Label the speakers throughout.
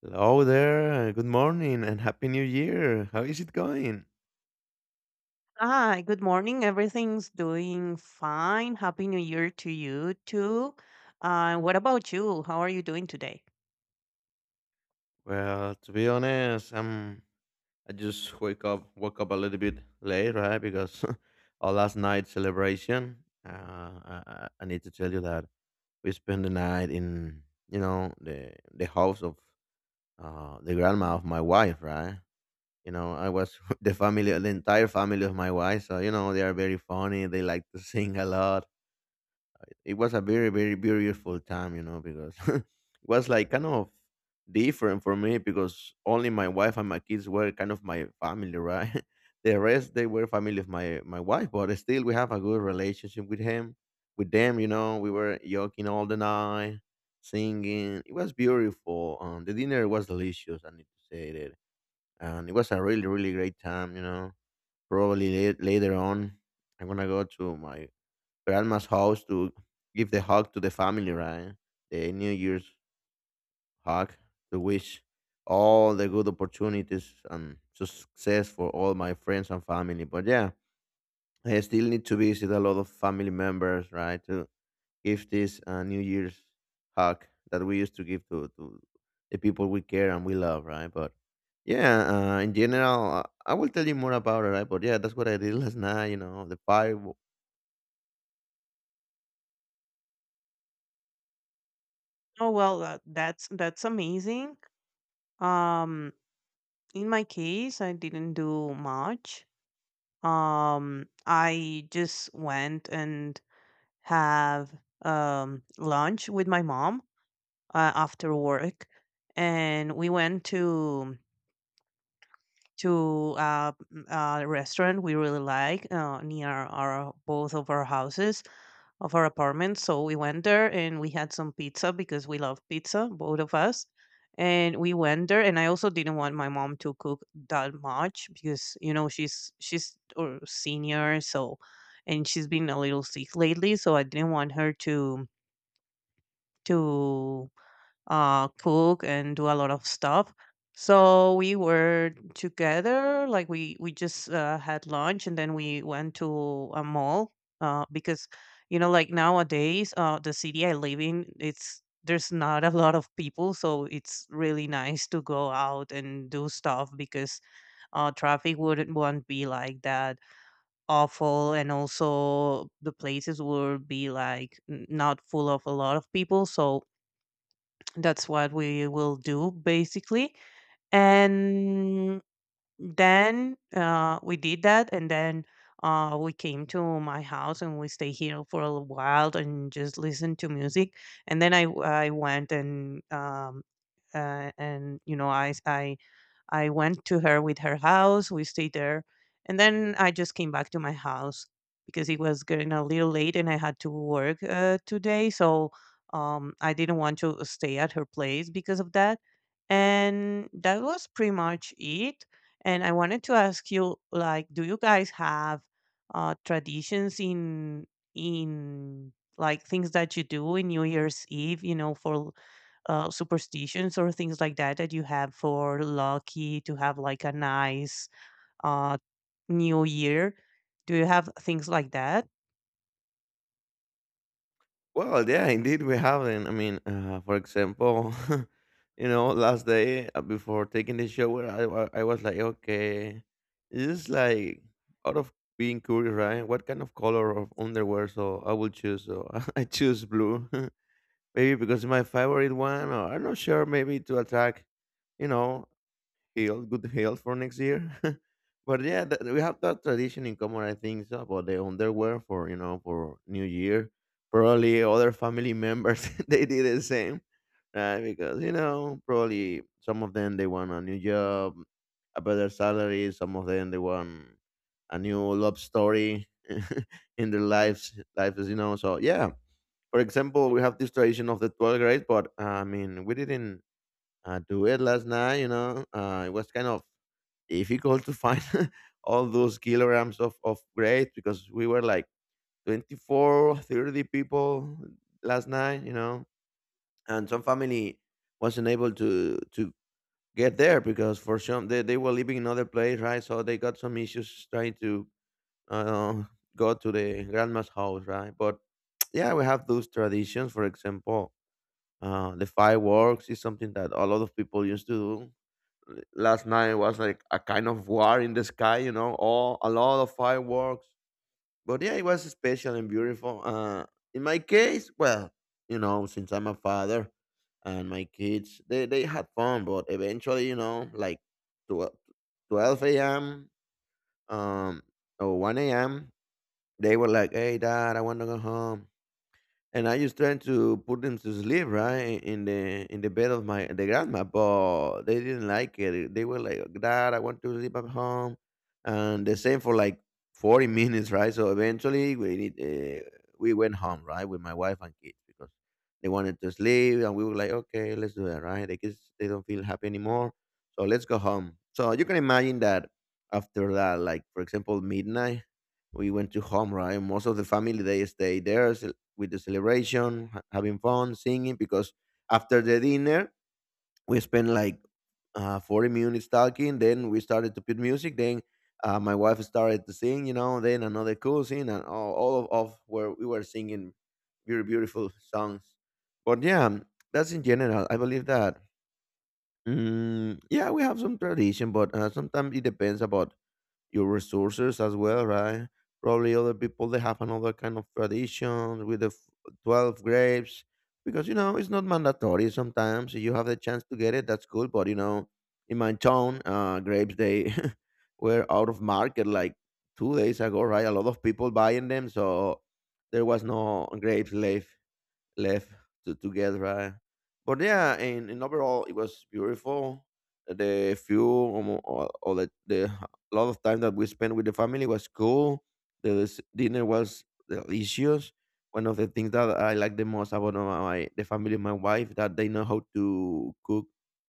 Speaker 1: Hello there, good morning and Happy New Year. How is it going?
Speaker 2: Hi, good morning. Everything's doing fine. Happy New Year to you too. What about you? How are you doing today?
Speaker 1: Well, to be honest, I just wake up woke up a little bit late, right? Because our last night celebration, I need to tell you that we spent the night in, the house of the grandma of my wife, right? You know, I was the entire family of my wife. So you know, they are very funny. They like to sing a lot. It was a very very beautiful time because it was like kind of different for me because only my wife and my kids were kind of my family, right. The rest, they were family of my wife, but still we have a good relationship with him with them. We were joking all the night, singing. It was beautiful. The dinner was delicious, I need to say that. And it was a really really great time. Probably later on, I'm gonna go to my to grandma's house to give the hug to the family, right? The New Year's hug, to wish all the good opportunities and success for all my friends and family. But yeah, I still need to visit a lot of family members, right, to give this New Year's hug that we used to give to the people we care and we love, right? But yeah, in general, I will tell you more about it, right? But yeah, that's what I did last night, the fireworks.
Speaker 2: Oh well, that's amazing. Um, in my case, I didn't do much. I just went and have lunch with my mom after work, and we went to a restaurant we really like near our both of our houses of our apartment. So we went there and we had some pizza because we love pizza, both of us. And we went there, and I also didn't want my mom to cook that much because she's a senior, so and she's been a little sick lately, so I didn't want her to to cook and do a lot of stuff. So we were together, like we just had lunch and then we went to a mall because like nowadays the city I live in it's there's not a lot of people, so it's really nice to go out and do stuff because traffic wouldn't won't be like that awful, and also the places would be like not full of a lot of people, so that's what we will do basically. And then we did that, and then we came to my house and we stay here for a little while and just listen to music. And then I went and uh, and you know I I I went to her house. We stayed there. And then I just came back to my house because it was getting a little late and I had to work today. So I didn't want to stay at her place because of that. And that was pretty much it. And I wanted to ask you, like, do you guys have traditions in like things that you do in New Year's Eve, you know, for superstitions or things like that that you have for lucky to have like a nice uh, new year? Do you have things like that?
Speaker 1: Well, yeah, indeed we haven't. I mean, for example, last day before taking the shower, I was like, okay, this is like out of being curious, right? What kind of color of underwear so I will choose? So I choose blue, maybe because it's my favorite one, or I'm not sure. Maybe to attract, you know health, good health for next year. But yeah, that, we have that tradition in common, I think, so about the underwear for you know for New Year. Probably other family members they did the same, right? Because probably some of them they want a new job, a better salary. Some of them they want a new love story in their lives. Life is so yeah. For example, we have this tradition of the 12th grade, but I mean, we didn't to it last night. You know, it was kind of difficult to find all those kilograms of grapes because we were like 24, 30 people last night, and some family wasn't able to get there because for some they were living in other place, right? So they got some issues trying to uh, go to the grandma's house, right? But yeah, we have those traditions. For example, the fireworks is something that a lot of people used to do last night, was like a kind of war in the sky, all a lot of fireworks. But yeah, it was special and beautiful. In my case, well, you know, since I'm a father and my kids, they had fun, but eventually, like 12 12 a.m., um or 1 a.m. They were like, "Hey, dad, I want to go home." And I just tried to put them to sleep, right, in the bed of my the grandma, but they didn't like it. They were like, "Dad, I want to sleep at home," and the same for like 40 minutes, right? So eventually, we went home, right, with my wife and kids because they wanted to sleep, and we were like, "Okay, let's do that," right? The kids, they don't feel happy anymore, so let's go home. So you can imagine that after that, like for example, midnight, we went to home, right? Most of the family, they stayed there, with the celebration, having fun, singing. Because after the dinner, we spent like 40 minutes talking. Then we started to put music. Then my wife started to sing. Then another cousin, and all of where we were singing very beautiful songs. But yeah, that's in general. I believe that. Mm, yeah, we have some tradition, but sometimes it depends about your resources as well, right? Probably other people, they have another kind of tradition with the 12 grapes because it's not mandatory. Sometimes you have the chance to get it, that's cool. But you know, in my town, grapes, they were out of market like 2 days ago, right? A lot of people buying them, so there was no grapes left to, together, right? But yeah, and overall, it was beautiful. The few the lot of time that we spent with the family was cool. The dinner was delicious. One of the things that I like the most about my the family, of my wife, that they know how to cook.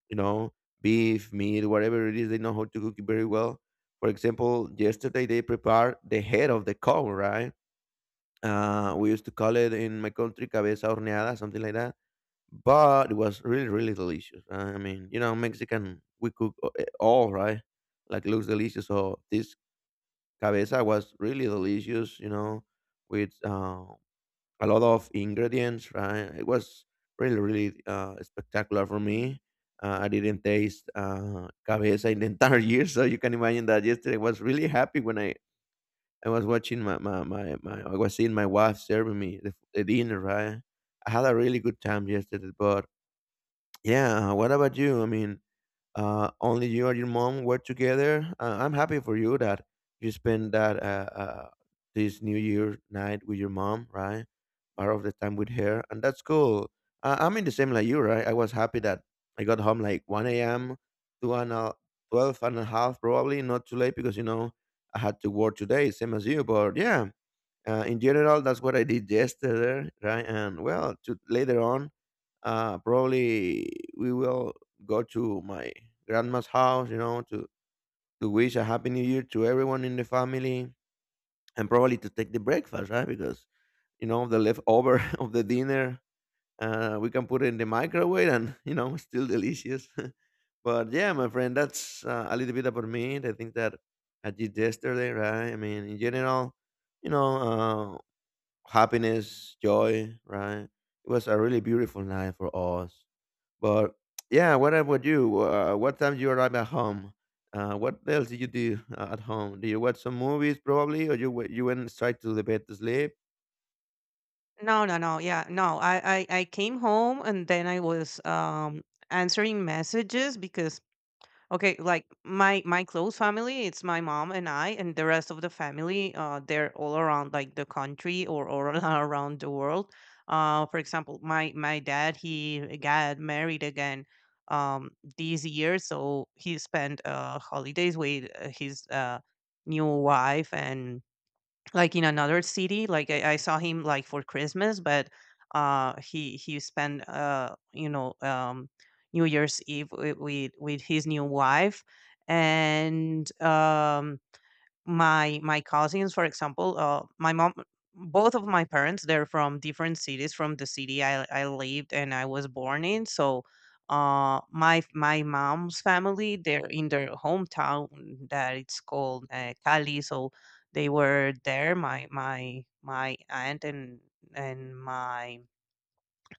Speaker 1: You know, beef, meat, whatever it is, they know how to cook it very well. For example, yesterday they prepared the head of the cow, right? We used to call it in my country cabeza horneada, something like that. But it was really, really delicious, right? I mean, you know, Mexican, we cook all, right? Like, looks delicious. So this cabeza was really delicious, with a lot of ingredients, right? It was really, really spectacular for me. I didn't taste cabeza in the entire year, so you can imagine that yesterday I was really happy when I was watching my my my, my I was seeing my wife serving me the dinner, right? I had a really good time yesterday, but yeah, what about you? I mean, only you and your mom were together. I'm happy for you that you spent that this New Year night with your mom, right? Part of the time with her, and that's cool. I'm in the same like you, right? I was happy that I got home like 1 a.m. to an 12 and a half, probably not too late because I had to work today, same as you. But yeah, in general, that's what I did yesterday, right? And well, to later on, probably we will go to my grandma's house, you know, to wish a happy new year to everyone in the family and probably to take the breakfast, right? Because, you know, the leftover of the dinner, we can put it in the microwave and, still delicious. But yeah, my friend, that's a little bit about me. I think that I did yesterday, right? I mean, in general, you know, uh, happiness, joy, right? It was a really beautiful night for us. But yeah, what about you? What time you arrive at home? What else did you do at home? Did you watch some movies probably, or you went straight to the bed to sleep?
Speaker 2: No, no, no. Yeah, no. I came home and then I was answering messages because okay, like my close family, it's my mom and I, and the rest of the family, they're all around like the country or all around the world. For example, my dad he got married again um this year, so he spent holidays with his new wife and like in another city like I saw him like for Christmas but he spent New Year's Eve with with his new wife and my cousins for example my mom, both of my parents they're from different cities from the city I lived and I was born in, so my mom's family they're in their hometown that it's called Cali, so they were there, my aunt and and my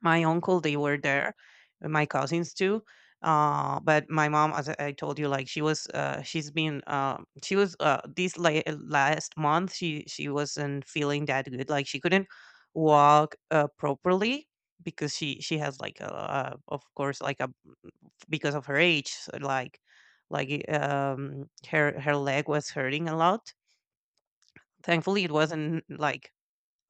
Speaker 2: my uncle they were there and my cousins too. But my mom as I told you, like she was this like last month, she wasn't feeling that good, like she couldn't walk properly because she has like a, of course like a, because of her age, so, her her leg was hurting a lot. Thankfully it wasn't like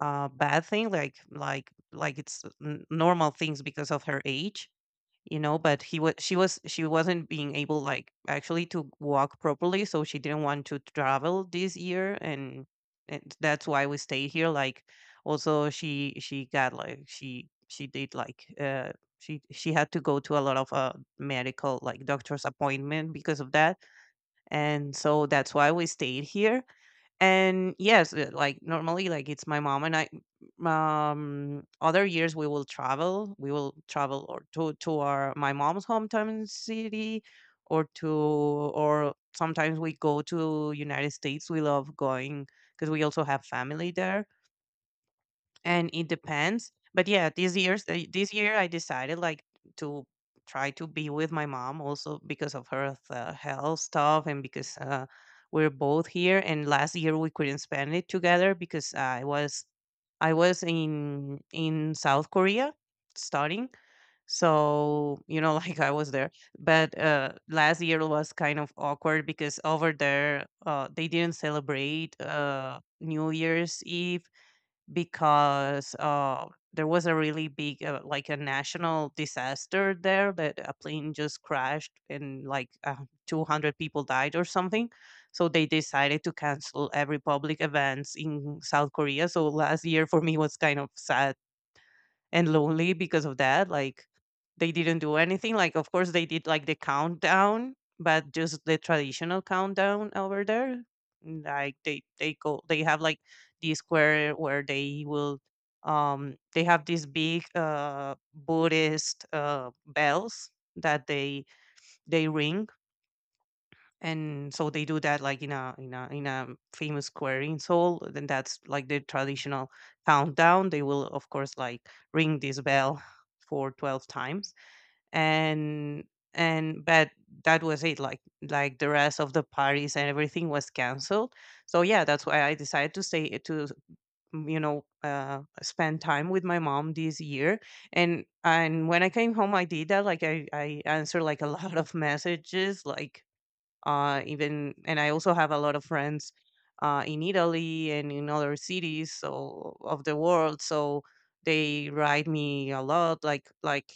Speaker 2: a bad thing, it's normal things because of her age, you know, but he was she wasn't being able like actually to walk properly, so she didn't want to travel this year, and that's why we stayed here. Like also she did like she had to go to a lot of medical, like doctor's appointment because of that, and so that's why we stayed here. And yes, like normally, like it's my mom and I. Other years we will travel. We will travel or to our, my mom's hometown city, or sometimes we go to United States. We love going because we also have family there, and it depends. But yeah, these years, this year I decided like to try to be with my mom also because of her health stuff, and because we're both here and last year we couldn't spend it together because I was in South Korea studying. So you know like I was there, but last year was kind of awkward because over there they didn't celebrate New Year's Eve because there was a really big like a national disaster there, that a plane just crashed and like 200 people died or something, so they decided to cancel every public events in South Korea. So last year for me was kind of sad and lonely because of that. Like they didn't do anything. Like of course they did like the countdown, but just the traditional countdown over there. Like they have like the square where they will they have these big Buddhist bells that they ring, and so they do that like in a famous square in Seoul. Then that's like the traditional countdown. They will of course like ring this bell for 12 times, and and but that was it. Like the rest of the parties and everything was canceled. So yeah, that's why I decided to stay to you know, spend time with my mom this year. And when I came home, I did that. Like I answered like a lot of messages, like even and I also have a lot of friends in Italy and in other cities, of the world. So they write me a lot, like like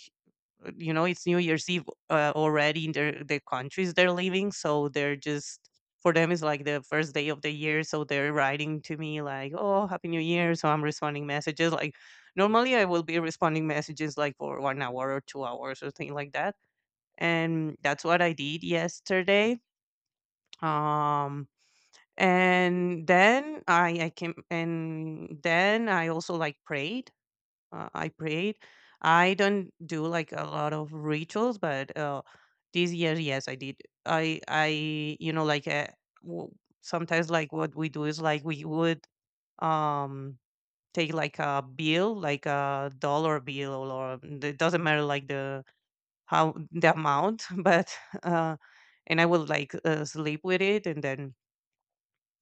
Speaker 2: uh, you know, it's New Year's Eve already in the countries they're living, so they're just, for them it's like the first day of the year, so they're writing to me like, "Oh, Happy New Year!" So I'm responding messages like. Normally, I will be responding messages like for 1 hour or 2 hours or something like that, and that's what I did yesterday. um, and then I came, and then I also like prayed. I prayed. I don't do like a lot of rituals, but this year, yes, I did. I You know like, w- sometimes like what we do is like we would um take like a bill, like a dollar bill, or it doesn't matter like the how the amount, but uh, and I would like sleep with it, and then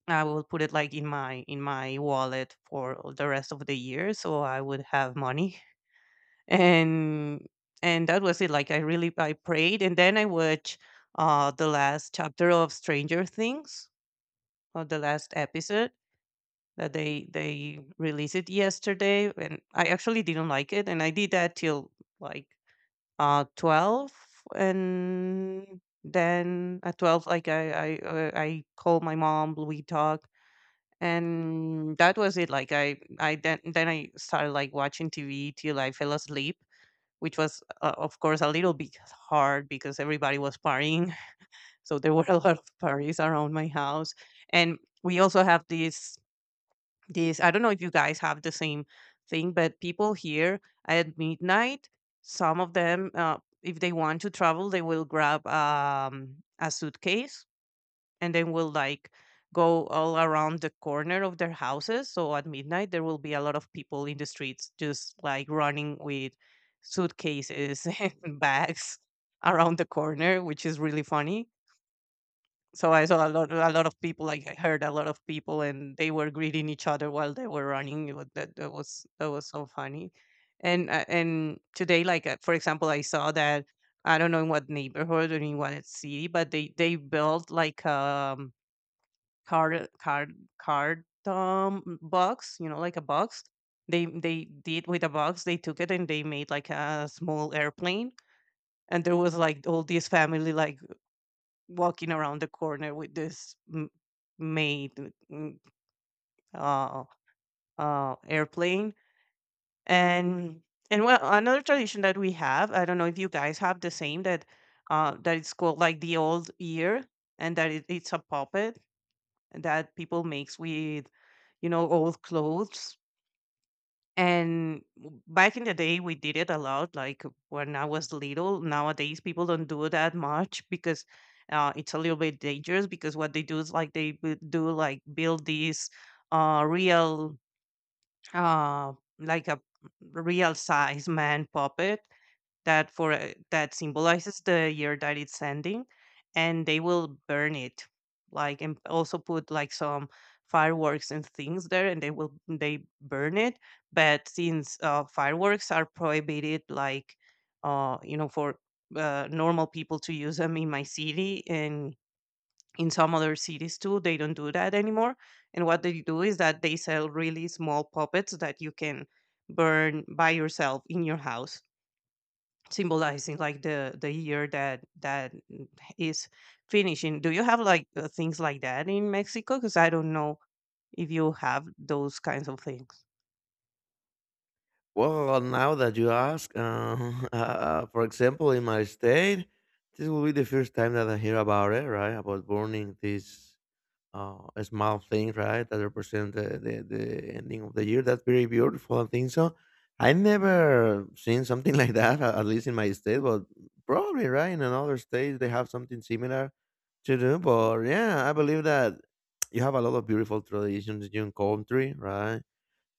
Speaker 2: I will put it like in my wallet for the rest of the year, so I would have money. And and that was it. Like I prayed, and then I watched the last chapter of Stranger Things, or the last episode that they released it yesterday, and I actually didn't like it. And I did that till like 12, and then at 12, like I called my mom, we talk. And that was it. Like I then I started like watching TV till I fell asleep, which was of course a little bit hard because everybody was partying. So there were a lot of parties around my house, and we also have this. I don't know if you guys have the same thing, but people here at midnight, some of them, if they want to travel, they will grab a suitcase, and then will like go all around the corner of their houses. So at midnight, there will be a lot of people in the streets just like running with suitcases and bags around the corner, which is really funny. So I saw a lot of people. Like I heard a lot of people, and they were greeting each other while they were running. That was so funny. And today, like for example, I saw that I don't know in what neighborhood or in what city, but they built like card card card box, you know, like a box, they did with a box, they took it and they made like a small airplane. And there was like all this family, like, walking around the corner with this made mm, uh, airplane. And and well, another tradition that we have, I don't know if you guys have the same, that it's called like the old year, and that, it's a puppet that people makes with old clothes. And back in the day we did it a lot, like when I was little. Nowadays people don't do that much, because it's a little bit dangerous, because what they do is like they do like build these real uh like a real size man puppet that symbolizes the year that it's ending, and they will burn it, like, and also put like some fireworks and things there, and they burn it. But since fireworks are prohibited, like, for normal people to use them in my city, and in some other cities too, they don't do that anymore. And what they do is that they sell really small puppets that you can burn by yourself in your house, symbolizing like the year that is finishing. Do you have like things like that in Mexico? Because I don't know if you have those kinds of things.
Speaker 1: Well, now that you ask, for example, in my state, this will be the first time that I hear about it, right? About burning this small things, right? That represent the ending of the year. That's very beautiful. I think so. I never seen something like that, at least in my state, but probably, right, in another state they have something similar to do. But yeah, I believe that you have a lot of beautiful traditions in your country, right?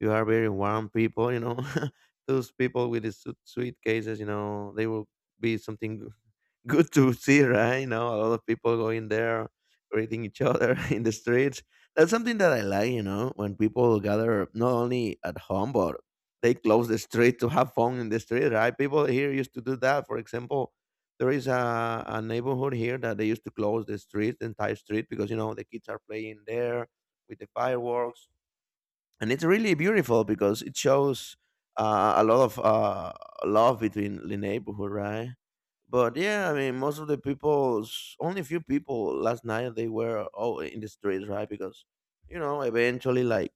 Speaker 1: You are very warm people. Those people with the suitcases, they will be something good to see, right? You know, a lot of people going there, greeting each other in the streets. That's something that I like, when people gather not only at home, but they close the street to have fun in the street, right? People here used to do that. For example, there is a neighborhood here that they used to close the street, the entire street, because, the kids are playing there with the fireworks. And it's really beautiful because it shows a lot of love between the neighborhood, right? But yeah, I mean, most of the people, only a few people last night, they were all in the streets, right? Because, you know, eventually like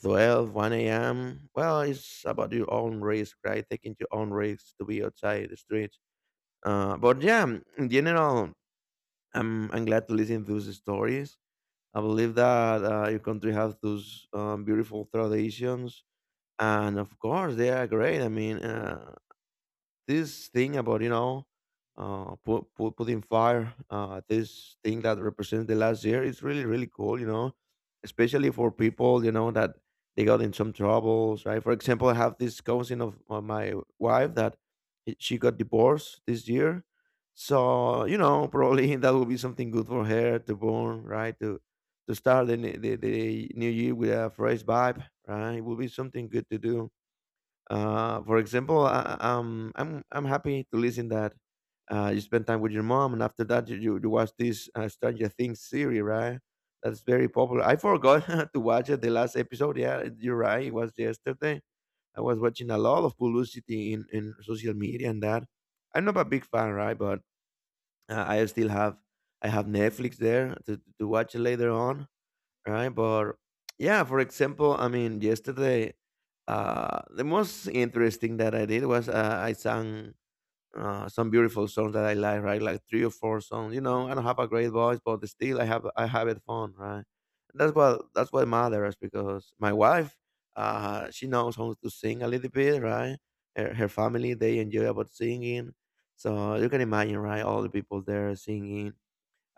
Speaker 1: twelve one a.m., well, it's about your own risk, right? Taking your own risks to be outside the streets. But yeah, mm, in general, I'm glad to listen to those stories. I believe that your country has those beautiful traditions. And of course, they are great. I mean, this thing about putting fire this thing that represents the last year. It's really cool, especially for people, that they got in some troubles, right? For example, I have this cousin of my wife that she got divorced this year. So you know probably that will be something good for her to burn, right? To start the new year with a fresh vibe, right? It will be something good to do. For example, I'm happy to listen that you spend time with your mom, and after that you watch this Stranger Things series, right? That's very popular. I forgot to watch it the last episode. Yeah, you're right. It was yesterday. I was watching a lot of publicity in social media and that. I'm not a big fan, right? But I still have. I have Netflix there to watch it later on. Right, but yeah, for example, I mean, yesterday, the most interesting that I did was I sang some beautiful songs that I like, right? Like three or four songs. You know, I don't have a great voice, but still, I have it fun, right? That's what matters because my wife, she knows how to sing a little bit, right? Her family they enjoy about singing, so you can imagine, right? All the people there singing.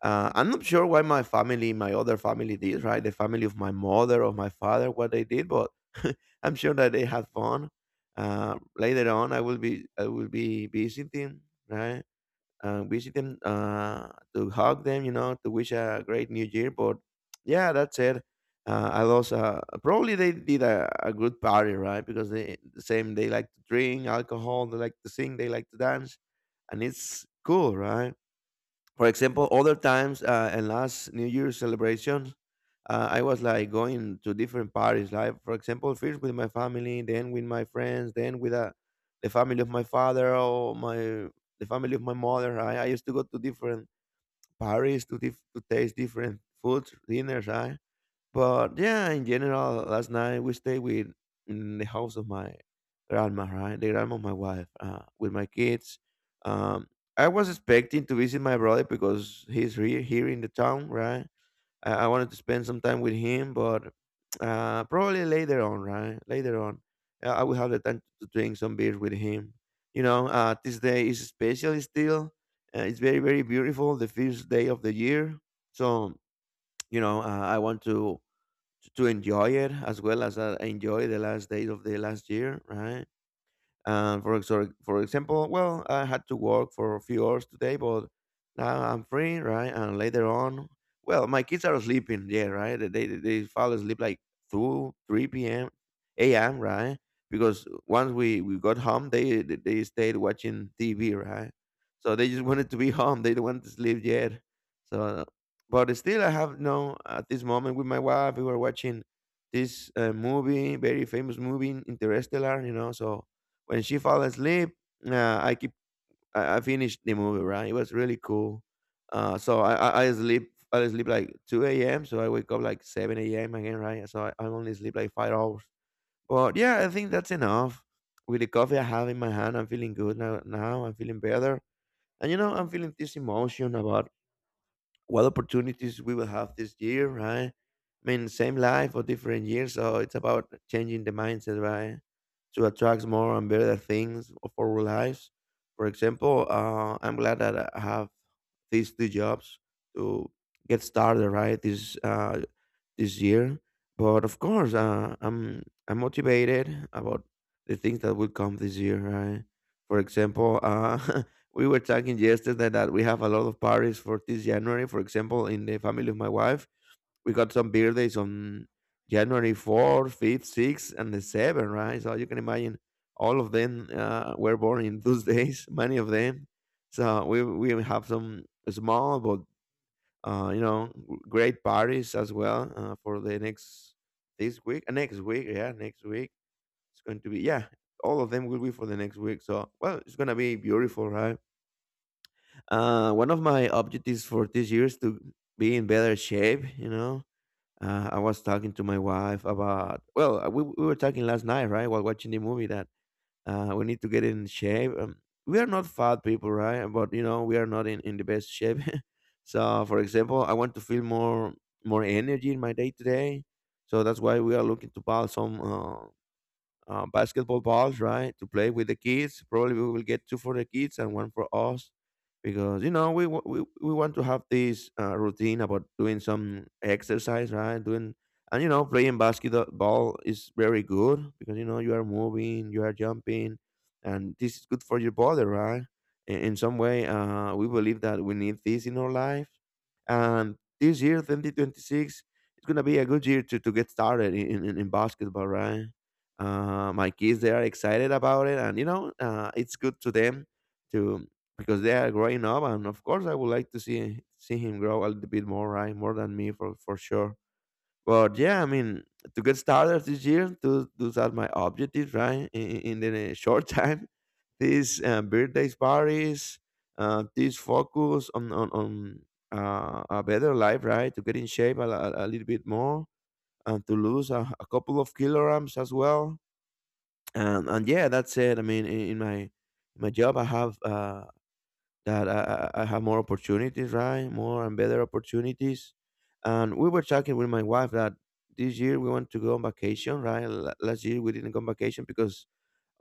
Speaker 1: I'm not sure why my family, my other family, did right. The family of my mother, of my father, what they did, but I'm sure that they had fun. Later on, I will be visiting, right, visiting to hug them, you know, to wish a great new year. But yeah, that's it. I lost. Probably they did a good party, right? Because they the same they like to drink alcohol, they like to sing, they like to dance, and it's cool, right? For example, other times and last New Year's celebrations, I was like going to different parties. Like for example, first with my family, then with my friends, then with the family of my father or my the family of my mother. Right? I used to go to different parties to to taste different foods, dinners. Right? But yeah, in general, last night we stayed with in the house of my grandma, right? The grandma of my wife, with my kids. Um, I was expecting to visit my brother because he's here in the town, right? I wanted to spend some time with him, but probably later on, right? Later on, I will have the time to drink some beers with him. You know, this day is special still. It's very, very beautiful, the first day of the year. So, you know, I want to enjoy it as well as I enjoy the last days of the last year, right? And for example, well, I had to work for a few hours today, but now I'm free, right? And later on, well, my kids are sleeping, yeah, right? They fall asleep like two, three p.m., a.m., right? Because once we got home, they they stayed watching TV, right? So they just wanted to be home. They don't want to sleep yet. So, but still, I have no at this moment with my wife. We were watching this movie, very famous movie, Interstellar, you know. So when she fall asleep, I keep. I finished the movie. Right, it was really cool. So I sleep like two a.m. So I wake up like seven a.m. again. Right, so I only sleep like 5 hours. But yeah, I think that's enough. With the coffee I have in my hand, I'm feeling good now. Now I'm feeling better, and you know I'm feeling this emotion about what opportunities we will have this year, right? I mean, same life or different years. So it's about changing the mindset, right? To attract more and better things for our lives. For example, I'm glad that I have these two jobs to get started, right? This year. But of course, I'm motivated about the things that will come this year, right? For example, we were talking yesterday that we have a lot of parties for this January. For example, in the family of my wife, we got some birthdays on January 4th, 5th, 6th, and the 7th, right? So you can imagine all of them were born in those days, many of them. So we have some small but you know, great parties as well for the next this week, next week, yeah, next week. It's going to be, yeah, all of them will be for the next week. So well, it's gonna be beautiful, right? One of my objectives for this year is to be in better shape. You know, I was talking to my wife about well, we we were talking last night, right, while watching the movie that we need to get in shape. We are not fat people, right? But you know, we are not in, in the best shape. So, for example, I want to feel more energy in my day to day. So that's why we are looking to buy some basketball balls, right, to play with the kids. Probably we will get two for the kids and one for us because you know we want to have this routine about doing some exercise, right? Doing and you know playing basketball is very good because you know you are moving, you are jumping, and this is good for your body, right? In some way, we believe that we need this in our life, and this year, 2026. It's gonna be a good year to get started in basketball, right? My kids they are excited about it, and you know it's good to them to because they are growing up. And of course, I would like to see him grow a little bit more, right? More than me, for sure. But yeah, I mean, to get started this year to those are my objectives, right? In the short time, these birthdays parties, this focus on on a better life, right? To get in shape a little bit more, and to lose a couple of kilograms as well. And yeah, that's it. I mean, in my job, I have that I have more opportunities, right? More and better opportunities. And we were talking with my wife that this year we want to go on vacation, right? Last year we didn't go on vacation because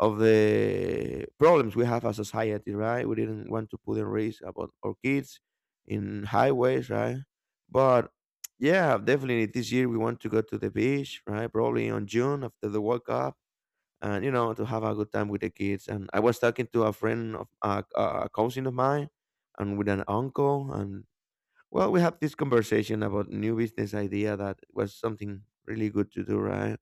Speaker 1: of the problems we have as a society, right? We didn't want to put in risk about our kids in highways, right? But yeah, definitely this year we want to go to the beach, right? Probably on June after the World Cup, and you know to have a good time with the kids. And I was talking to a friend of a cousin of mine, and with an uncle, and well, we have this conversation about new business idea that was something really good to do, right?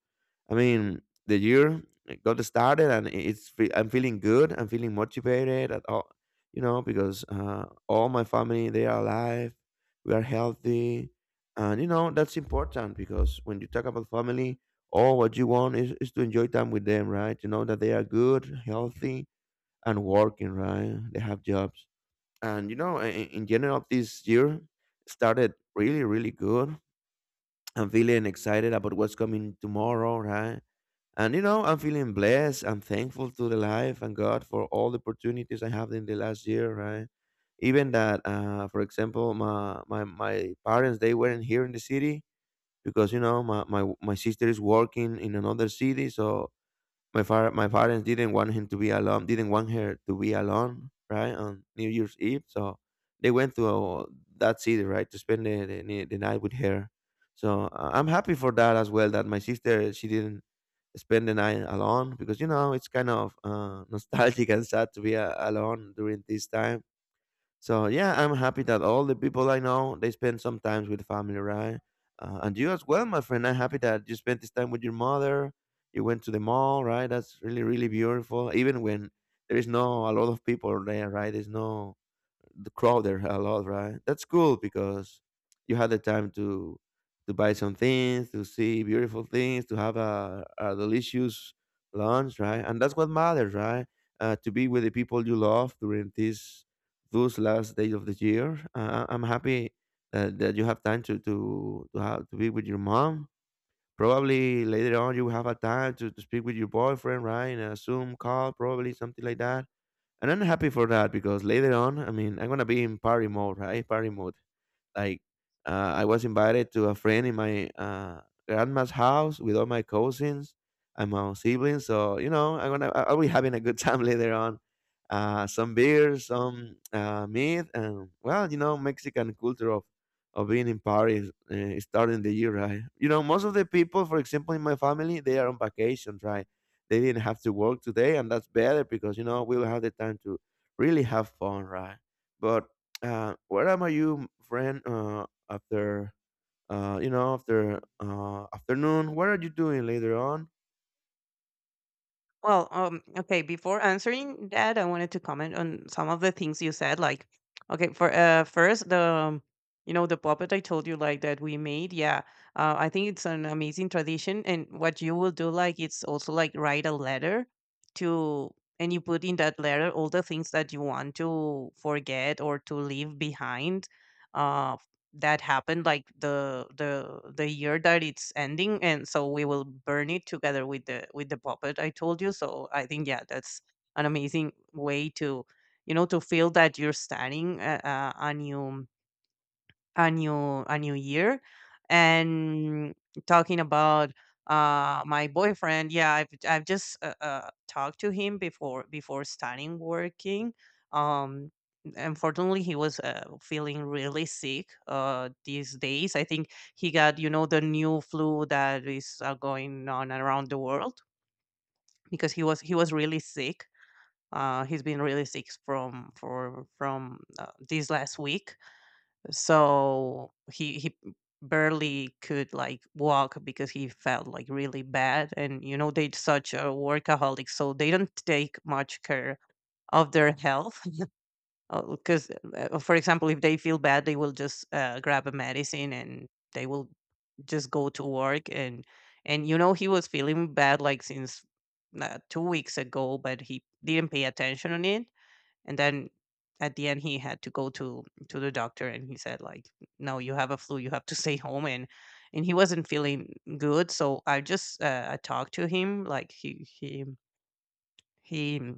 Speaker 1: I mean, the year got started and I'm feeling good. I'm feeling motivated at all, you know, because all my family they are alive. We are healthy, and you know that's important because when you talk about family, all what you want is to enjoy time with them, right? To know that they are good, healthy, and working, right? They have jobs, and you know in general this year started really good. I'm feeling excited about what's coming tomorrow, right? And you know I'm feeling blessed. I'm thankful to the life and God for all the opportunities I have in the last year, right? Even that for example, my parents they weren't here in the city, because you know my sister is working in another city. So my father, my parents didn't want him to be alone, didn't want her to be alone, right, on New Year's Eve. So they went to that city, right, to spend the night with her. So I'm happy for that as well. That my sister she didn't spend the night alone because it's kind of nostalgic and sad to be alone during this time. So yeah, I'm happy that all the people I know they spend some time with family, right? And you as well, my friend. I'm happy that you spent this time with your mother. You went to the mall, right? That's really really beautiful. Even when there is no a lot of people there, right? There's no the crowd there a lot, right? That's cool because you had the time to buy some things, to see beautiful things, to have a delicious lunch, right? And that's what matters, right? To be with the people you love during this those last days of the year. I'm happy that you have time to be with your mom. Probably later on you will have a time to speak with your boyfriend, right? In a Zoom call, probably something like that, and I'm happy for that because later on, I mean, I'm gonna be in party mode, right? Party mode. Like I was invited to a friend in my grandma's house with all my cousins and my siblings. So I'll be having a good time later on. Some beer, some meat, and well, Mexican culture of being in Paris starting the year, right? Most of the people, for example, in my family, they are on vacation, right? They didn't have to work today, and that's better because we'll have the time to really have fun, right? But where am I, you friend? After afternoon, what are you doing later on?
Speaker 2: Well, okay, before answering that, I wanted to comment on some of the things you said. Like, okay, for first, the you know, the puppet I told you like that we made. Yeah, I think it's an amazing tradition. And what you will do, like, it's also like write a letter to, and you put in that letter all the things that you want to forget or to leave behind, uh, that happened like the year that it's ending. And so we will burn it together with the puppet I told you. So I think, yeah, that's an amazing way to, you know, to feel that you're starting a new year. And talking about my boyfriend, yeah, I've just talked to him before starting working. um Unfortunately, he was feeling really sick these days. I think he got, you know, the new flu that is going on around the world, because he was really sick. He's been really sick from for from this last week. So he barely could like walk, because he felt like really bad. And, you know, they're such a workaholic, so they don't take much care of their health, because for example, if they feel bad they will just grab a medicine, and they will just go to work. And you know, he was feeling bad like since 2 weeks ago, but he didn't pay attention on it. And then at the end he had to go to the doctor, and he said like, no, you have a flu, you have to stay home. And he wasn't feeling good. So I just I talked to him. Like, he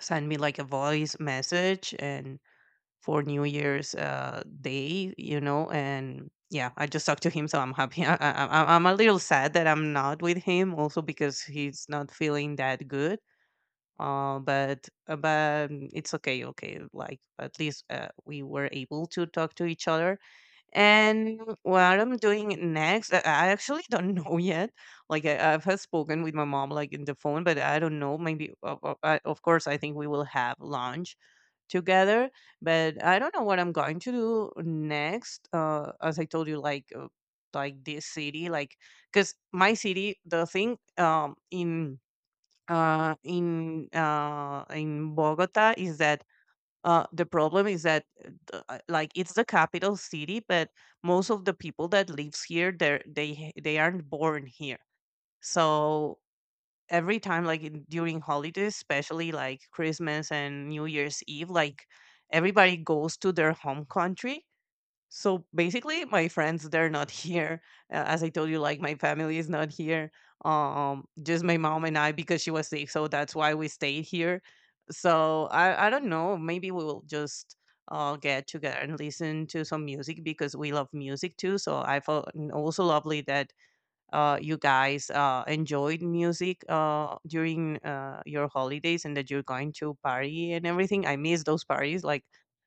Speaker 2: sent me like a voice message, and for New Year's Day, you know. And yeah, I just talked to him, so I'm happy. I'm a little sad that I'm not with him, also because he's not feeling that good. It's okay. Like, at least we were able to talk to each other. And what I'm doing next, I actually don't know yet. Like, I've had spoken with my mom, like, in the phone, but I don't know. Maybe of course I think we will have lunch together, but I don't know what I'm going to do next. As I told you, like, like this city, like, because my city, the thing, in Bogota, is that, the problem is that, like, it's the capital city, but most of the people that lives here, they aren't born here. So every time, like during holidays, especially like Christmas and New Year's Eve, like, everybody goes to their home country, so basically my friends, they're not here. As I told you, like, my family is not here. Just my mom and I, because she was sick, so that's why we stayed here. So I don't know. Maybe we will just get together and listen to some music, because we love music too. So I felt, also lovely that you guys enjoyed music during your holidays, and that you're going to party and everything. I miss those parties. Like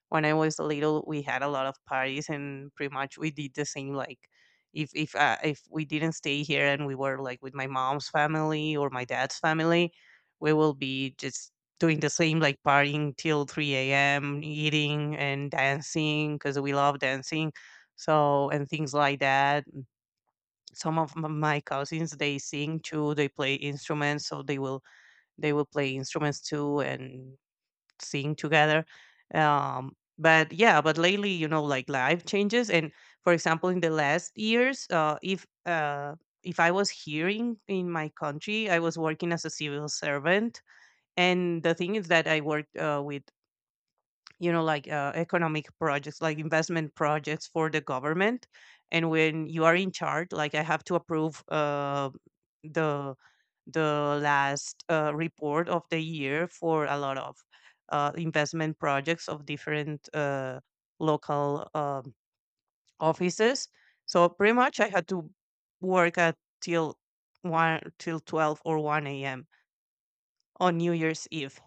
Speaker 2: when I was little, we had a lot of parties, and pretty much we did the same. Like, if we didn't stay here and we were like with my mom's family or my dad's family, we will be just doing the same, like partying till 3 a.m., eating and dancing, because we love dancing, so, and things like that. Some of my cousins, they sing too, they play instruments, so they will, play instruments too, and sing together. But yeah, but lately, you know, like life changes. And for example, in the last years, if I was hearing in my country, I was working as a civil servant. And the thing is that I worked with, you know, like economic projects, like investment projects for the government. And when you are in charge, like, I have to approve the the last report of the year for a lot of investment projects of different local, offices. So pretty much I had to work at, till 1, till 12 or 1 a.m., on New Year's Eve,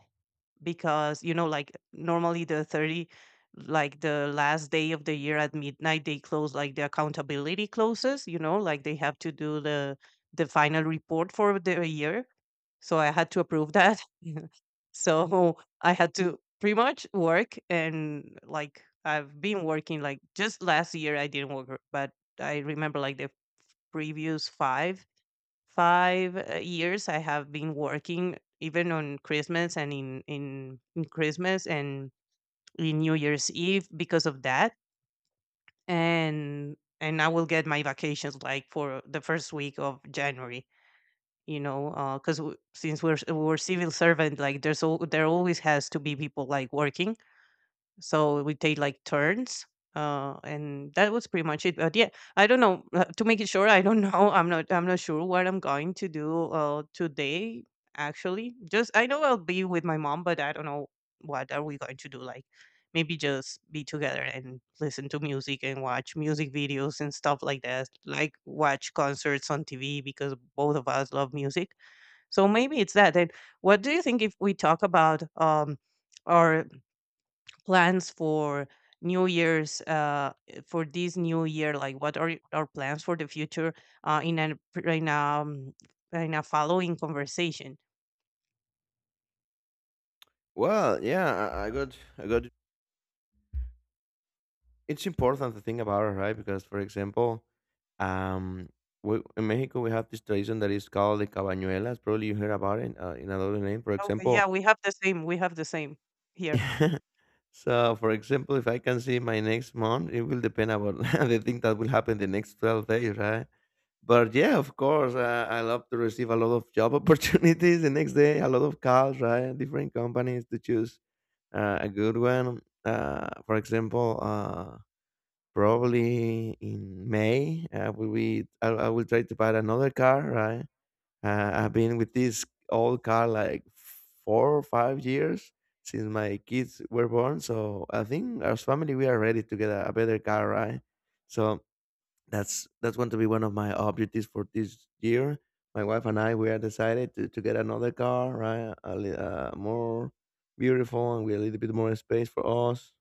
Speaker 2: because, you know, like normally the 30, like the last day of the year at midnight, they close, like, the accountability closes, you know, like they have to do the final report for the year. So I had to approve that. So I had to pretty much work. And, like, I've been working. Like, just last year I didn't work, but I remember like the previous five five years I have been working even on Christmas, and in Christmas and in New Year's Eve, because of that. And I will get my vacations, like, for the first week of January, you know, because w since we're civil servant, like, there's al- there always has to be people, like, working, so we take like turns. And that was pretty much it. But yeah, I don't know, to make it sure. I don't know, I'm not sure what I'm going to do today. Actually, just I know I'll be with my mom, but I don't know what are we going to do. Like, maybe just be together and listen to music and watch music videos and stuff like that, like watch concerts on TV, because both of us love music. So maybe it's that. And what do you think if we talk about our plans for this new year? Like, what are our plans for the future, uh, in a in a, um, in a following conversation?
Speaker 1: Well, yeah, I got. It's important to think about it, right? Because, for example, um, in Mexico we have this tradition that is called the cabañuelas. Probably you heard about it in another name. For
Speaker 2: Oh, yeah,
Speaker 1: example.
Speaker 2: we have the same. We have the same here.
Speaker 1: So for example, if I can see my next month, it will depend about the thing that will happen the next 12 days, right? But yeah, of course, I love to receive a lot of job opportunities the next day, a lot of calls, right? Different companies to choose a good one. For example, probably in May, I will try to buy another car, right? I've been with this old car like 4 or 5 years since my kids were born. So I think as family, we are ready to get a better car, right? So that's going to be one of my objectives for this year. My wife and I we are decided to get another car, right? More beautiful and with a little bit more space for us.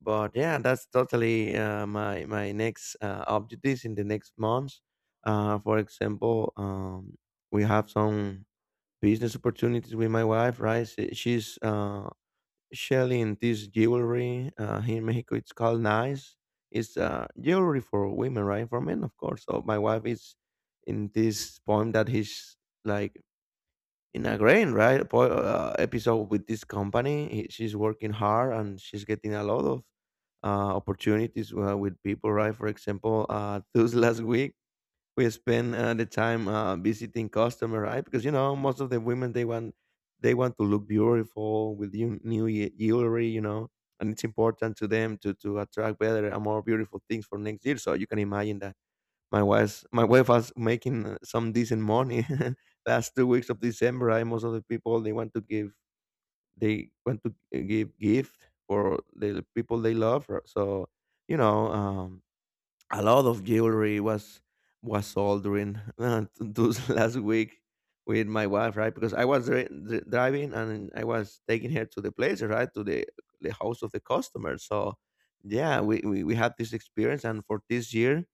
Speaker 1: But yeah, that's totally my next objectives in the next months. For example, we have some business opportunities with my wife, right? She's selling this jewelry. Here in Mexico, it's called nice. It's jewelry for women, right? For men, of course. So my wife is in this point that he's like in a grain, right? Episode with this company. She's working hard and she's getting a lot of opportunities with people, right? For example, this last week we spend the time visiting customer, right? Because most of the women they want to look beautiful with new jewelry, and it's important to them to attract better and more beautiful things for next year. So you can imagine that my wife was making some decent money last 2 weeks of December. Right? Most of the people they want to give gift for the people they love. So you know. Um, a lot of jewelry was sold during those last week with my wife, right? Because I was driving and I was taking her to the place, right, to the house of the customer. So yeah, we had this experience, and for this year,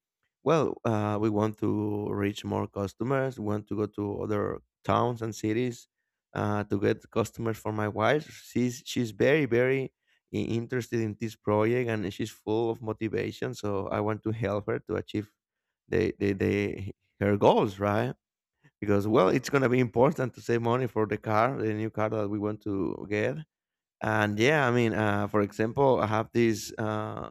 Speaker 1: well, we want to reach more customers. We want to go to other towns and cities to get customers for my wife. She's very very interested in this project, and she's full of motivation, so I want to help her to achieve the her goals, right? Because well, it's going to be important to save money for the new car that we want to get. And yeah, I mean for example, I have this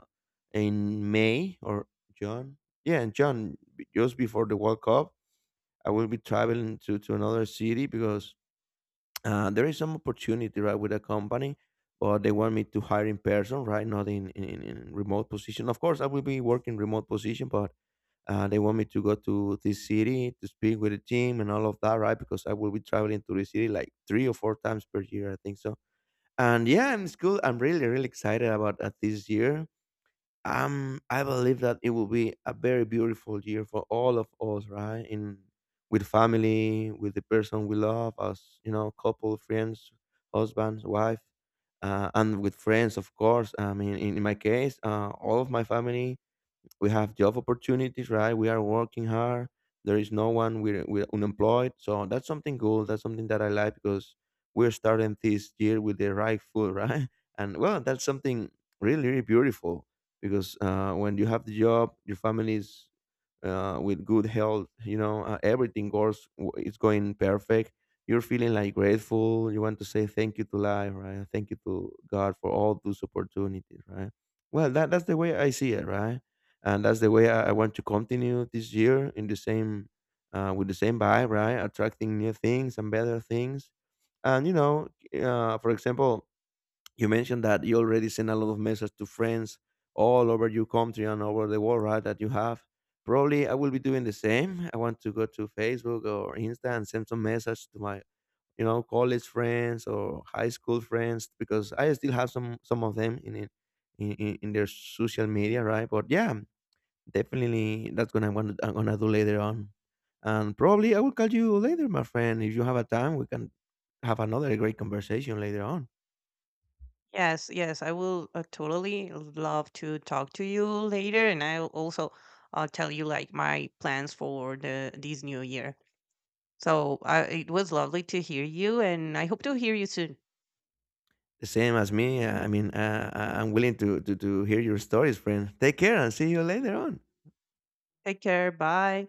Speaker 1: in May or June, yeah, in June just before the World Cup. I will be traveling to another city because there is some opportunity, right, with a company, but they want me to hire in person, right, not in remote position. Of course, I will be working remote position, but they want me to go to this city to speak with the team and all of that, right? Because I will be traveling to the city like 3 or 4 times per year, I think. So and yeah, I'm school. I'm really really excited about this year. I believe that it will be a very beautiful year for all of us, right? In with family, with the person we love, as you know, couple, friends, husband, wife, and with friends, of course. I mean, in my case, all of my family, we have job opportunities, right? We are working hard. There is no one. We're unemployed. So that's something cool. That's something that I like because we're starting this year with the right foot, right? And well, that's something really, really beautiful because when you have the job, your family is with good health, everything goes, it's going perfect. You're feeling like grateful. You want to say thank you to life, right? Thank you to God for all those opportunities, right? Well, that's the way I see it, right? And that's the way I want to continue this year in the same, with the same vibe, right? Attracting new things and better things, and for example, you mentioned that you already sent a lot of messages to friends all over your country and over the world, right? That you have. Probably I will be doing the same. I want to go to Facebook or Insta and send some message to my college friends or high school friends because I still have some of them in their social media, right? But yeah, definitely, that's gonna want I'm gonna do later on, and probably I will call you later, my friend. If you have a time, we can have another great conversation later on.
Speaker 2: Yes, yes, I will totally love to talk to you later, and I'll also tell you like my plans for the this new year. So it was lovely to hear you, and I hope to hear you soon.
Speaker 1: The same as me. I mean, I'm willing to hear your stories, friend. Take care and see you later on.
Speaker 2: Take care. Bye.